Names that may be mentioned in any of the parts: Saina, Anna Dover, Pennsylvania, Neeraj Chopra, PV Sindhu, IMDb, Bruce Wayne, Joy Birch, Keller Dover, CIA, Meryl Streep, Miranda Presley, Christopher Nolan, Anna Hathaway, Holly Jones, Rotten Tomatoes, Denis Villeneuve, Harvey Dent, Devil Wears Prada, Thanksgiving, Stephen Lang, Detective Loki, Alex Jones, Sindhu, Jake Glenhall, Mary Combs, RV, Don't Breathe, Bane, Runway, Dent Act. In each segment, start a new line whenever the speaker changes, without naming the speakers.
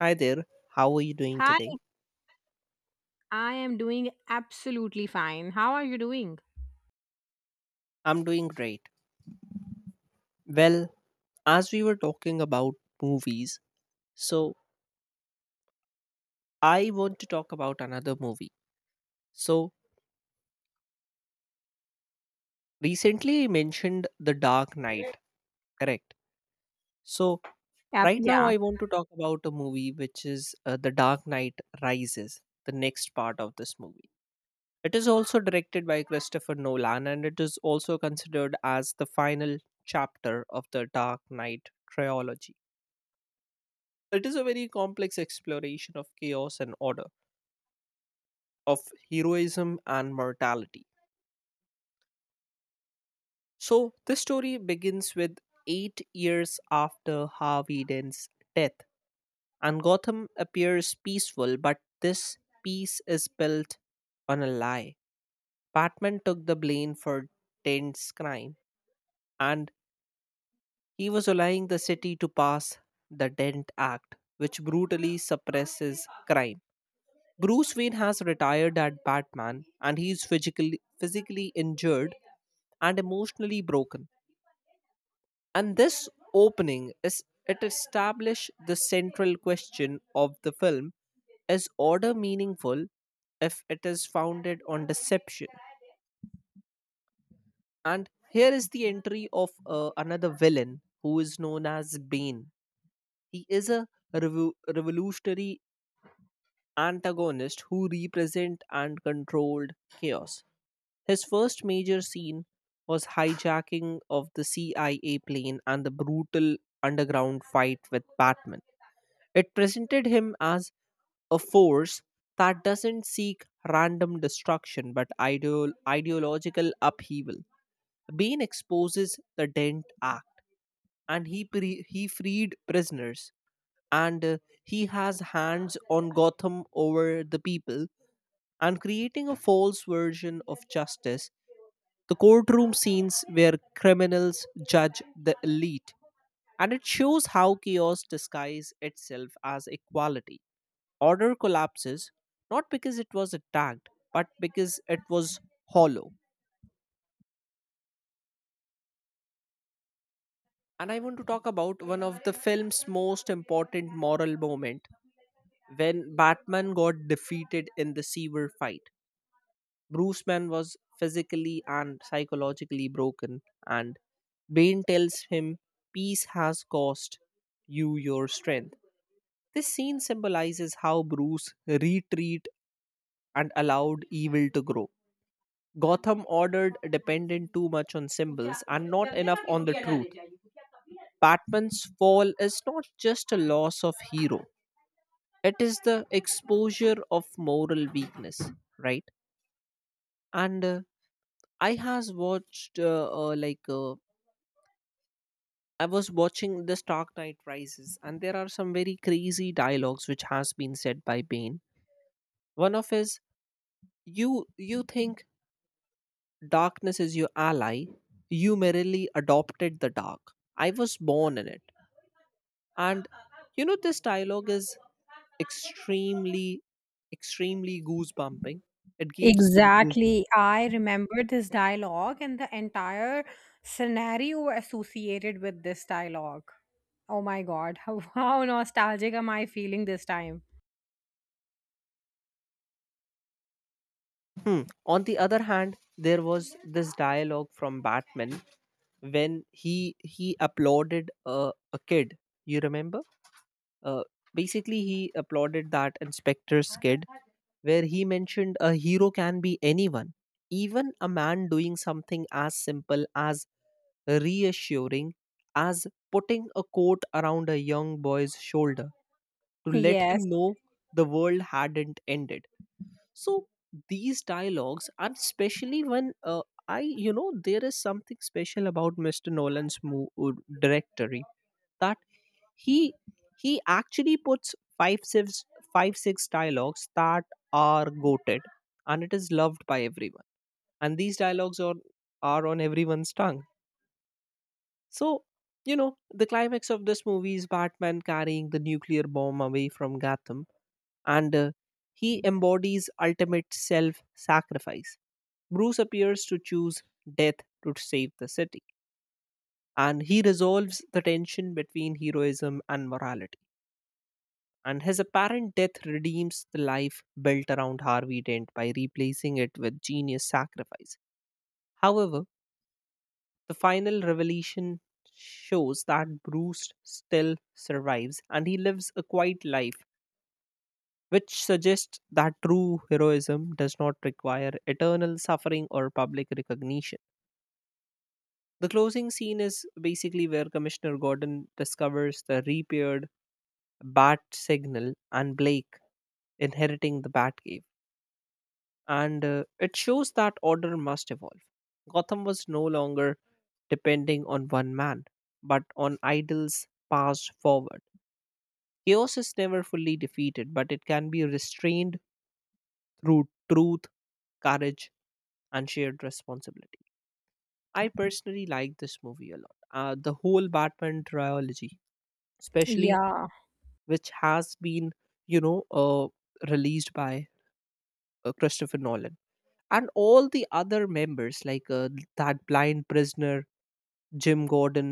Hi there, how are you doing
Hi,
today?
I am doing absolutely fine. How are you doing?
I'm doing great. Well, as we were talking about movies, so I want to talk about another movie. So, recently I mentioned The Dark Knight, correct? So,
Yep,
right now
yeah,
I want to talk about a movie which is The Dark Knight Rises, the next part of this movie. It is also directed by Christopher Nolan and it is also considered as the final chapter of the Dark Knight trilogy. It is a very complex exploration of chaos and order, of heroism and mortality. So, this story begins with 8 years after Harvey Dent's death, and Gotham appears peaceful, but this peace is built on a lie. Batman took the blame for Dent's crime, and he was allowing the city to pass the Dent Act, which brutally suppresses crime. Bruce Wayne has retired as Batman and he is physically injured and emotionally broken. And this opening is it establishes the central question of the film is order meaningful if it is founded on deception? And here is the entry of another villain who is known as Bane. He is a revolutionary antagonist who represent and controlled chaos. His first major scene was hijacking of the CIA plane and the brutal underground fight with Batman. It presented him as a force that doesn't seek random destruction but ideological upheaval. Bane exposes the Dent Act and he freed prisoners and he has hands on Gotham over the people and creating a false version of justice, the courtroom scenes where criminals judge the elite. And it shows how chaos disguises itself as equality. Order collapses not because it was attacked, but because it was hollow. And I want to talk about one of the film's most important moral moment when Batman got defeated in the sewer fight. Bruce Bruceman was physically and psychologically broken, and Bane tells him, "Peace has cost you your strength." This scene symbolizes how Bruce retreat and allowed evil to grow. Gotham ordered dependent too much on symbols and not enough on the truth. Batman's fall is not just a loss of hero, it is the exposure of moral weakness, right? And I has watched I was watching The Stark Knight Rises, and there are some very crazy dialogues which has been said by Bane. One of his, "You you think darkness is your ally? You merely adopted the dark. I was born in it." And you know this dialogue is extremely, extremely goosebumping. It gives the goosebumps.
exactly. I remember this dialogue and the entire scenario associated with this dialogue. Oh my god, how nostalgic am I feeling this time?
Hmm. On the other hand, there was this dialogue from Batman when he he applauded a, a kid. You remember? Uh, Basically, he applauded that inspector's kid, where he mentioned a hero can be anyone, even a man doing something as simple as reassuring as putting a coat around a young boy's shoulder to let him
Yes,
know the world hadn't ended. So these dialogues, and especially when I, you know, there is something special about Mr. Nolan's director that he he actually puts five six dialogues that are goated and it is loved by everyone, and these dialogues are on everyone's tongue. So, you know, the climax of this movie is Batman carrying the nuclear bomb away from Gotham, and he embodies ultimate self sacrifice. Bruce appears to choose death to save the city, and he resolves the tension between heroism and morality, and his apparent death redeems the life built around Harvey Dent by replacing it with genius sacrifice. However, the final revelation shows that Bruce still survives and he lives a quiet life, which suggests that true heroism does not require eternal suffering or public recognition. The closing scene is basically where Commissioner Gordon discovers the repaired bat signal and Blake inheriting the Batcave. And it shows that order must evolve. Gotham was no longer depending on one man, but on idols passed forward. Chaos is never fully defeated, but it can be restrained through truth, courage, and shared responsibility. I personally like this movie a lot. The whole Batman trilogy, especially
yeah.
which has been, you know, released by Christopher Nolan. And all the other members like that blind prisoner, Jim Gordon,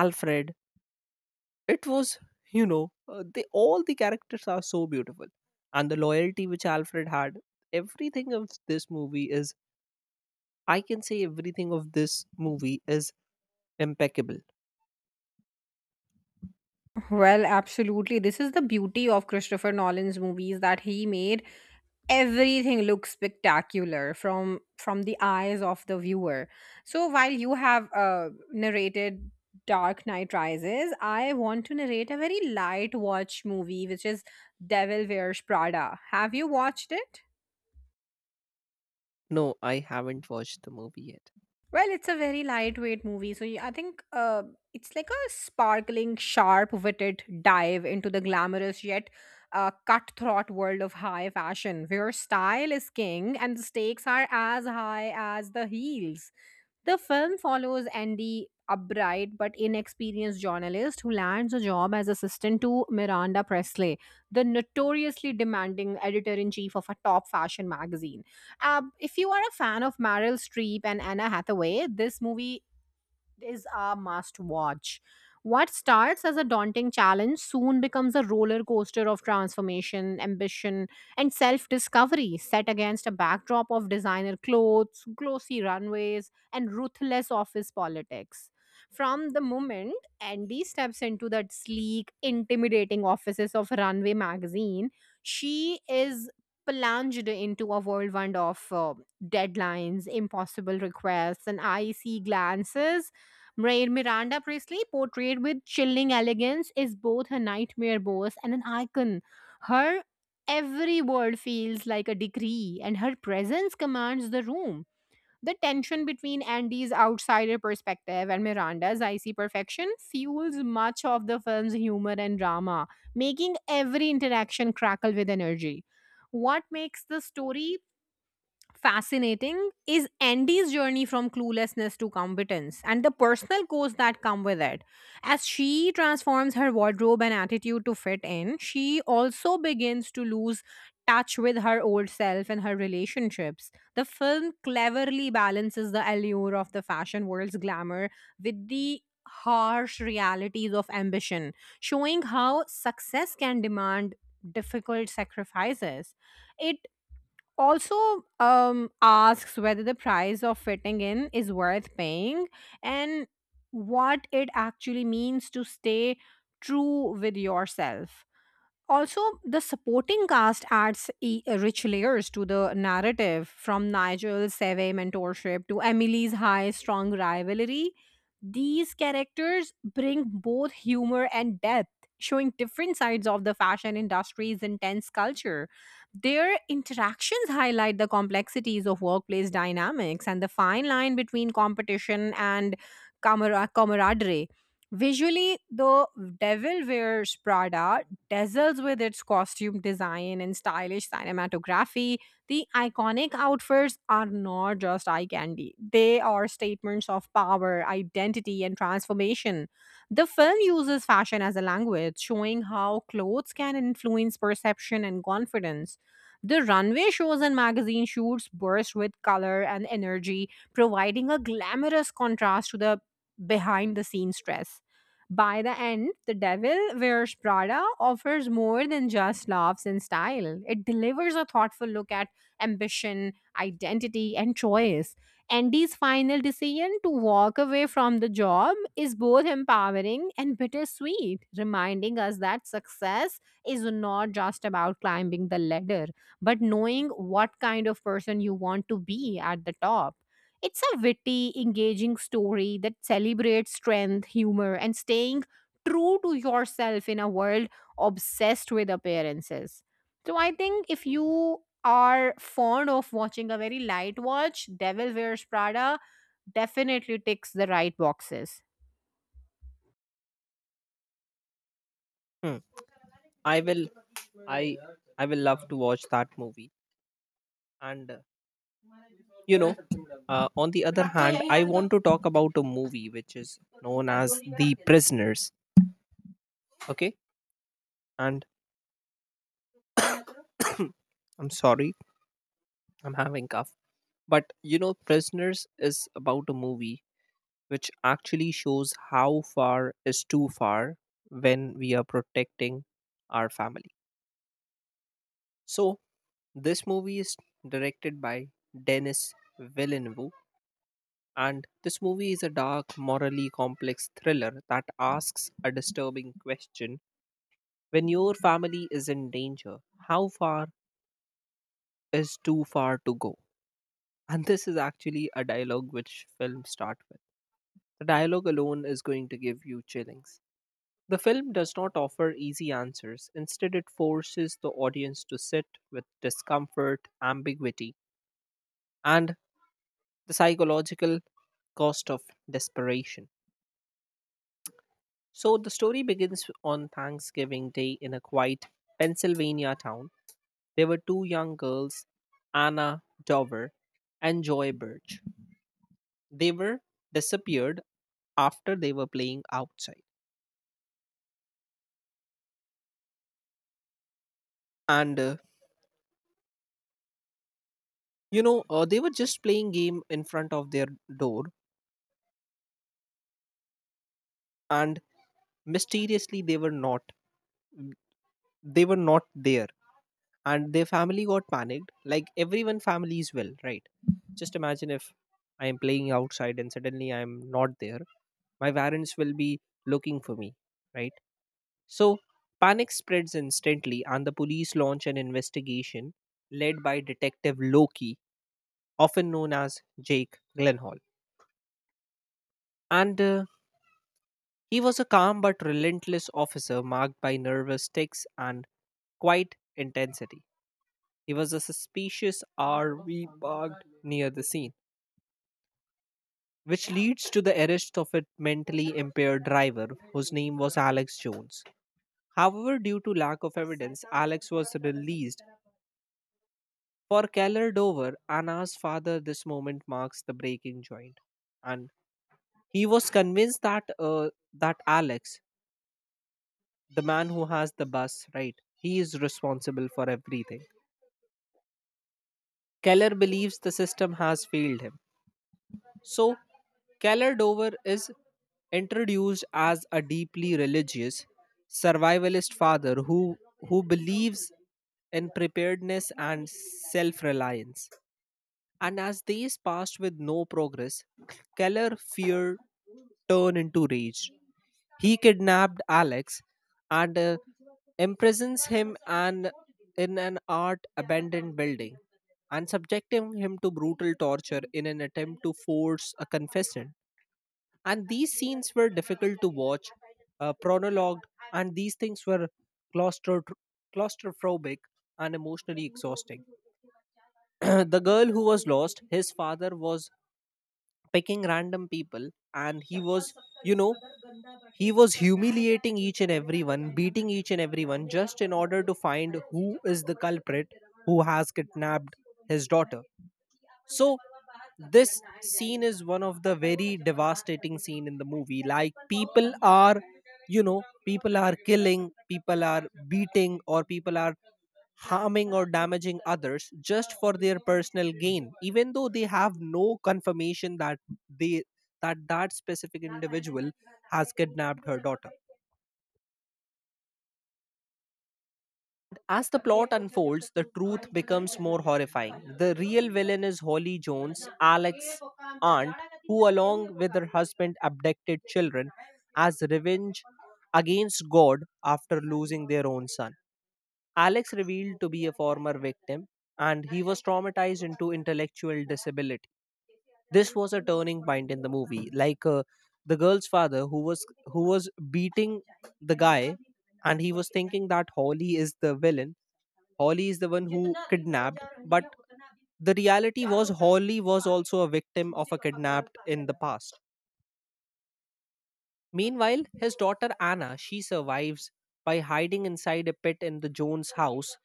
Alfred, it was, you know, they all the characters are so beautiful, and the loyalty which Alfred had, everything of this movie is, I can say everything of this movie is impeccable.
Well, absolutely. This is the beauty of Christopher Nolan's movies that he made everything looks spectacular from the eyes of the viewer. So while you have narrated Dark Knight Rises, I want to narrate a very light watch movie, which is Devil Wears Prada. Have you watched it?
No, I haven't watched the movie yet.
Well, it's a very lightweight movie, so I think it's like a sparkling, sharp-witted dive into the glamorous yet cutthroat world of high fashion, where style is king and the stakes are as high as the heels. The film follows Andy, upright but inexperienced journalist who lands a job as assistant to Miranda Presley, the notoriously demanding editor in chief of a top fashion magazine. If you are a fan of Meryl Streep and Anna Hathaway, this movie is a must watch. What starts as a daunting challenge soon becomes a roller coaster of transformation, ambition, and self discovery, set against a backdrop of designer clothes, glossy runways, and ruthless office politics. From the moment Andy steps into that sleek, intimidating offices of Runway magazine, she is plunged into a whirlwind of deadlines, impossible requests, and icy glances. Miranda Priestley, portrayed with chilling elegance, is both a nightmare boss and an icon. Her every word feels like a decree, and her presence commands the room. The tension between Andy's outsider perspective and Miranda's icy perfection fuels much of the film's humor and drama, making every interaction crackle with energy. What makes the story fascinating is Andy's journey from cluelessness to competence and the personal costs that come with it. As she transforms her wardrobe and attitude to fit in, she also begins to lose touch with her old self and her relationships. The film cleverly balances the allure of the fashion world's glamour with the harsh realities of ambition, showing how success can demand difficult sacrifices. It also asks whether the price of fitting in is worth paying and what it actually means to stay true with yourself. Also, the supporting cast adds rich layers to the narrative, from Nigel's savvy mentorship to Emily's high strong rivalry. These characters bring both humor and depth, showing different sides of the fashion industry's intense culture. Their interactions highlight the complexities of workplace dynamics and the fine line between competition and camaraderie. Visually, the Devil Wears Prada dazzles with its costume design and stylish cinematography. The iconic outfits are not just eye candy, they are statements of power, identity, and transformation. The film uses fashion as a language, showing how clothes can influence perception and confidence. The runway shows and magazine shoots burst with color and energy, providing a glamorous contrast to the behind the scenes stress. By the end, The Devil Wears Prada offers more than just laughs and style. It delivers a thoughtful look at ambition, identity, and choice. Andy's final decision to walk away from the job is both empowering and bittersweet, reminding us that success is not just about climbing the ladder, but knowing what kind of person you want to be at the top. It's a witty, engaging story that celebrates strength, humor, and staying true to yourself in a world obsessed with appearances. So I think if you are fond of watching a very light watch, Devil Wears Prada definitely ticks the right boxes.
Hmm. i will i I will love to watch that movie, and you know, on the other hand I want to talk about a movie which is known as The Prisoners, okay? And I'm sorry, I'm having cough, but you know, Prisoners is about a movie which actually shows how far is too far when we are protecting our family. So this movie is directed by Denis Villeneuve, and this movie is a dark, morally complex thriller that asks a disturbing question: when your family is in danger, how far is too far to go? And this is actually a dialogue which films start with. The dialogue alone is going to give you chillings. The film does not offer easy answers, instead it forces the audience to sit with discomfort, ambiguity, and the psychological cost of desperation. So the story begins on Thanksgiving Day in a quiet Pennsylvania town. There were 2 young girls, Anna Dover and Joy Birch. They were disappeared after they were playing outside. And you know, they were just playing game in front of their door, and mysteriously they were not, they were not there, and their family got panicked like everyone families will, right? Just imagine if I am playing outside and suddenly I am not there. My parents will be looking for me, right? So panic spreads instantly, and the police launch an investigation led by Detective Loki, often known as Jake Glenhall. And he was a calm but relentless officer marked by nervous tics and quiet intensity. He was a suspicious RV parked near the scene, which leads to the arrest of a mentally impaired driver whose name was Alex Jones. However, due to lack of evidence, Alex was released. For Keller Dover, Anna's father, this moment marks the breaking joint, and he was convinced that that Alex, the man who has the bus, right, he is responsible for everything. Keller believes the system has failed him, so Keller Dover is introduced as a deeply religious survivalist father who believes in preparedness and self-reliance. And as days passed with no progress, Keller fear turned into rage. He kidnapped Alex and imprisons him and in an art abandoned building and subjecting him to brutal torture in an attempt to force a confession. And these scenes were difficult to watch, prologued, and these things were claustro- claustrophobic and emotionally exhausting. The girl who was lost, his father was picking random people and he was, you know, he was humiliating each and everyone, beating each and everyone just in order to find who is the culprit, who has kidnapped his daughter. So this scene is one of the very devastating scene in the movie. Like, people are, you know, people are killing, people are beating, or people are harming or damaging others just for their personal gain, even though they have no confirmation that they that that specific individual has kidnapped her daughter. As the plot unfolds, the truth becomes more horrifying. The real villain is Holly Jones, Alex's aunt, who along with her husband abducted children as revenge against God after losing their own son. Alex revealed to be a former victim, and he was traumatized into intellectual disability. This was a turning point in the movie. Like, the girl's father who was beating the guy, and he was thinking that Holly is the villain. Holly is the one who kidnapped, but the reality was Holly was also a victim of a kidnapped in the past. Meanwhile, his daughter Anna, she survives by hiding inside a pit in the Jones house,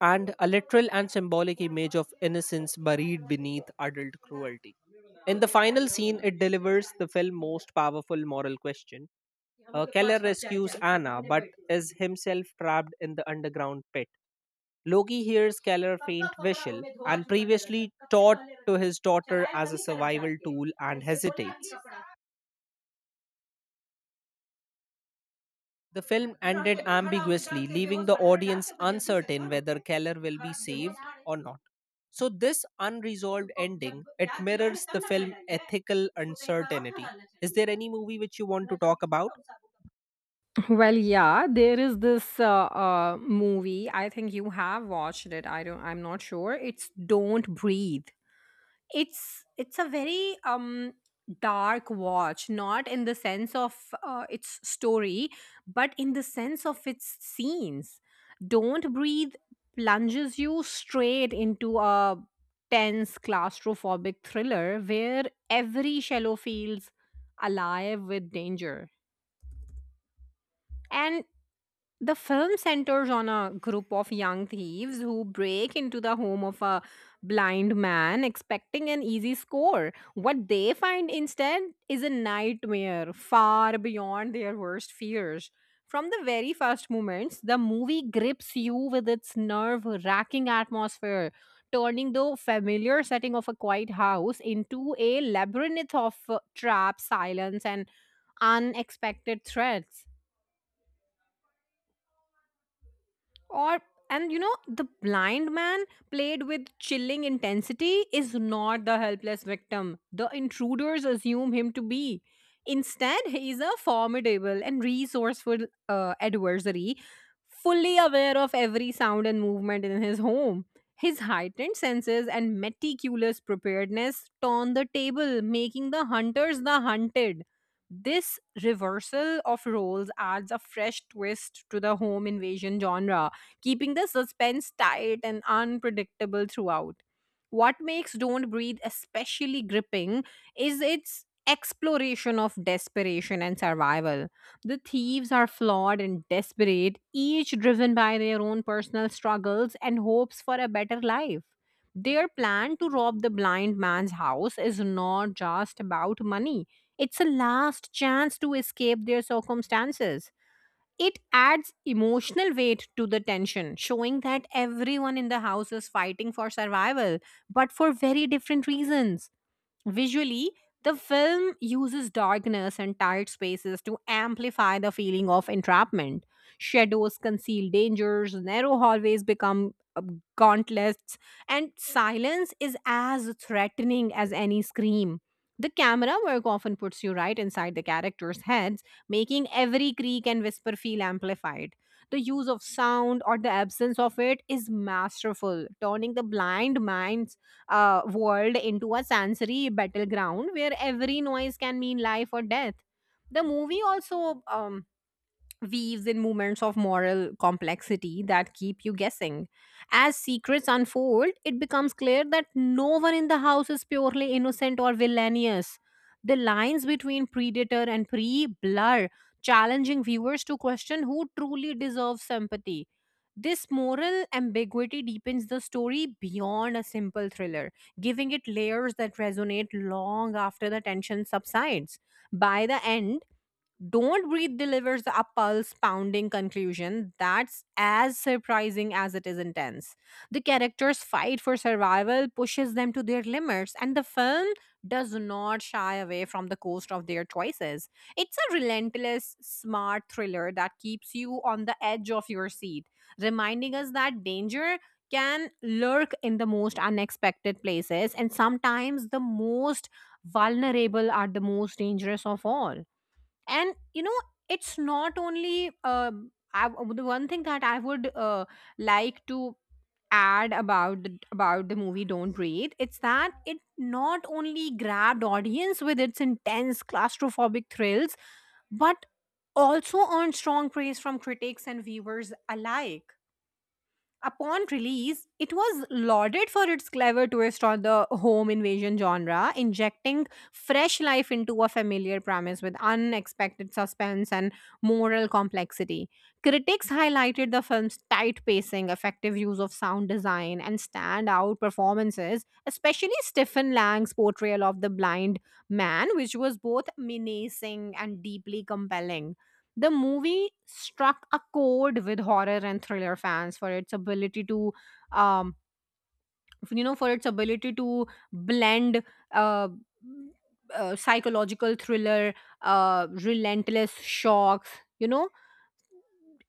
and a literal and symbolic image of innocence buried beneath adult cruelty. In the final scene, it delivers the film's most powerful moral question. Keller rescues Anna, but is himself trapped in the underground pit. Loki hears Keller faint whistle and previously taught to his daughter as a survival tool, and hesitates. The film ended ambiguously, leaving the audience uncertain whether Keller will be saved or not. So, this unresolved ending it mirrors the film ethical uncertainty. Is there any movie which you want to talk about?
Well, yeah, there is this movie. I think you have watched it. I don't. I'm not sure. It's Don't Breathe. It's a very dark watch, not in the sense of its story, but in the sense of its scenes. Don't Breathe plunges you straight into a tense claustrophobic thriller where every shallow feels alive with danger. And the film centers on a group of young thieves who break into the home of a blind man expecting an easy score. What they find instead is a nightmare far beyond their worst fears. From the very first moments, the movie grips you with its nerve wracking atmosphere, turning the familiar setting of a quiet house into a labyrinth of traps, silence, and unexpected threats. Or And you know, the blind man, played with chilling intensity, is not the helpless victim the intruders assume him to be. Instead, he is a formidable and resourceful adversary, fully aware of every sound and movement in his home. His heightened senses and meticulous preparedness turn the table, making the hunters the hunted. This reversal of roles adds a fresh twist to the home invasion genre, keeping the suspense tight and unpredictable throughout. What makes Don't Breathe especially gripping is its exploration of desperation and survival. The thieves are flawed and desperate, each driven by their own personal struggles and hopes for a better life. Their plan to rob the blind man's house is not just about money, it's a last chance to escape their circumstances. It adds emotional weight to the tension, showing that everyone in the house is fighting for survival, but for very different reasons. Visually, the film uses darkness and tight spaces to amplify the feeling of entrapment. Shadows conceal dangers, narrow hallways become gauntlets, and silence is as threatening as any scream. The camera work often puts you right inside the characters' heads, making every creak and whisper feel amplified. The use of sound, or the absence of it, is masterful, turning the blind minds world into a sensory battleground where every noise can mean life or death. The movie also weaves in moments of moral complexity that keep you guessing. As secrets unfold, it becomes clear that no one in the house is purely innocent or villainous. The lines between predator and prey blur, challenging viewers to question who truly deserves sympathy. This moral ambiguity deepens the story beyond a simple thriller, giving it layers that resonate long after the tension subsides. By the end, Don't Breathe delivers a pulse pounding conclusion that's as surprising as it is intense. The characters' fight for survival pushes them to their limits, and the film does not shy away from the cost of their choices. It's a relentless, smart thriller that keeps you on the edge of your seat, reminding us that danger can lurk in the most unexpected places, and sometimes the most vulnerable are the most dangerous of all. And you know, it's not only the one thing that I would like to add about about the movie Don't Breathe, it's that it not only grabbed audience with its intense claustrophobic thrills, but also earned strong praise from critics and viewers alike. Upon release, it was lauded for its clever twist on the home invasion genre, injecting fresh life into a familiar premise with unexpected suspense and moral complexity. Critics highlighted the film's tight pacing, effective use of sound design, and standout performances, especially Stephen Lang's portrayal of the blind man, which was both menacing and deeply compelling. The movie struck a chord with horror and thriller fans for its ability to, um, for its ability to blend uh, psychological thriller, relentless shocks, you know.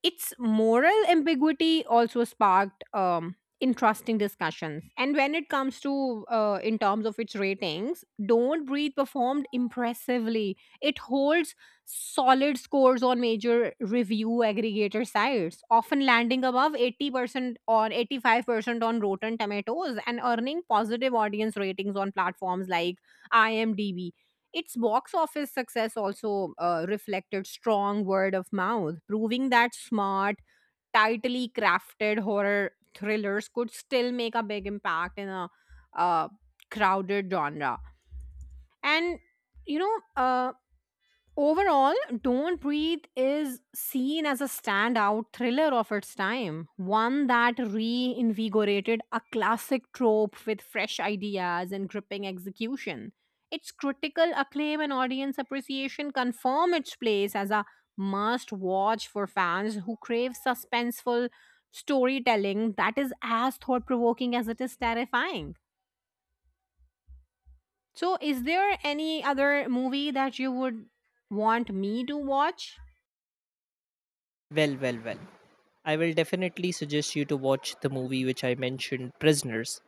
Its moral ambiguity also sparked interesting discussions. And when it comes to, in terms of its ratings, Don't Breathe performed impressively. It holds solid scores on major review aggregator sites, often landing above 80% or 85% on Rotten Tomatoes, and earning positive audience ratings on platforms like IMDb. Its box office success also reflected strong word of mouth, proving that smart, tightly crafted horror thrillers could still make a big impact in a uh, crowded genre. And you know, overall, Don't Breathe is seen as a standout thriller of its time, one that reinvigorated a classic trope with fresh ideas and gripping execution. Its critical acclaim and audience appreciation confirm its place as a must watch for fans who crave suspenseful storytelling that is as thought provoking as it is terrifying. So, is there any other movie that you would want me to watch?
Well, well, well. I will definitely suggest you to watch the movie which I mentioned, Prisoners,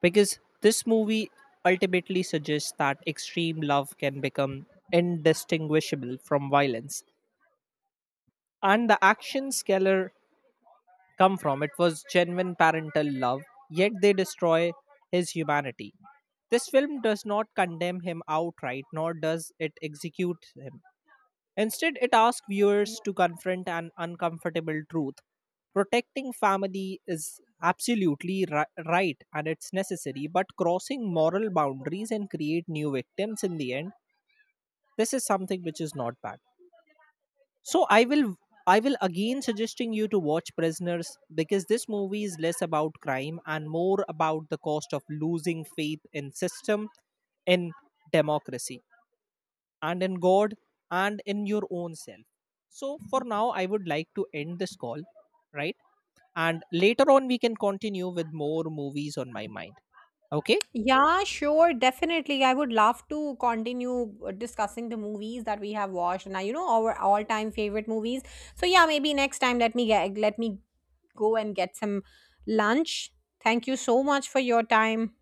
because this movie ultimately suggests that extreme love can become indistinguishable from violence. And the actions Keller. Come from. It was genuine parental love, yet they destroy his humanity. This film does not condemn him outright, nor does it execute him. Instead, it asks viewers to confront an uncomfortable truth. Protecting family is absolutely right and it's necessary, but crossing moral boundaries and create new victims in the end, this is something which is not bad. So I will again suggesting you to watch Prisoners because this movie is less about crime and more about the cost of losing faith in system, in democracy, and in God and in your own self. So for now I would like to end this call, right? And later on we can continue with more movies on my mind. Okay?
Yeah, sure, definitely. I would love to continue discussing the movies that we have watched and, you know, our all-time favorite movies. So yeah, maybe next time let me go and get some lunch. Thank you so much for your time.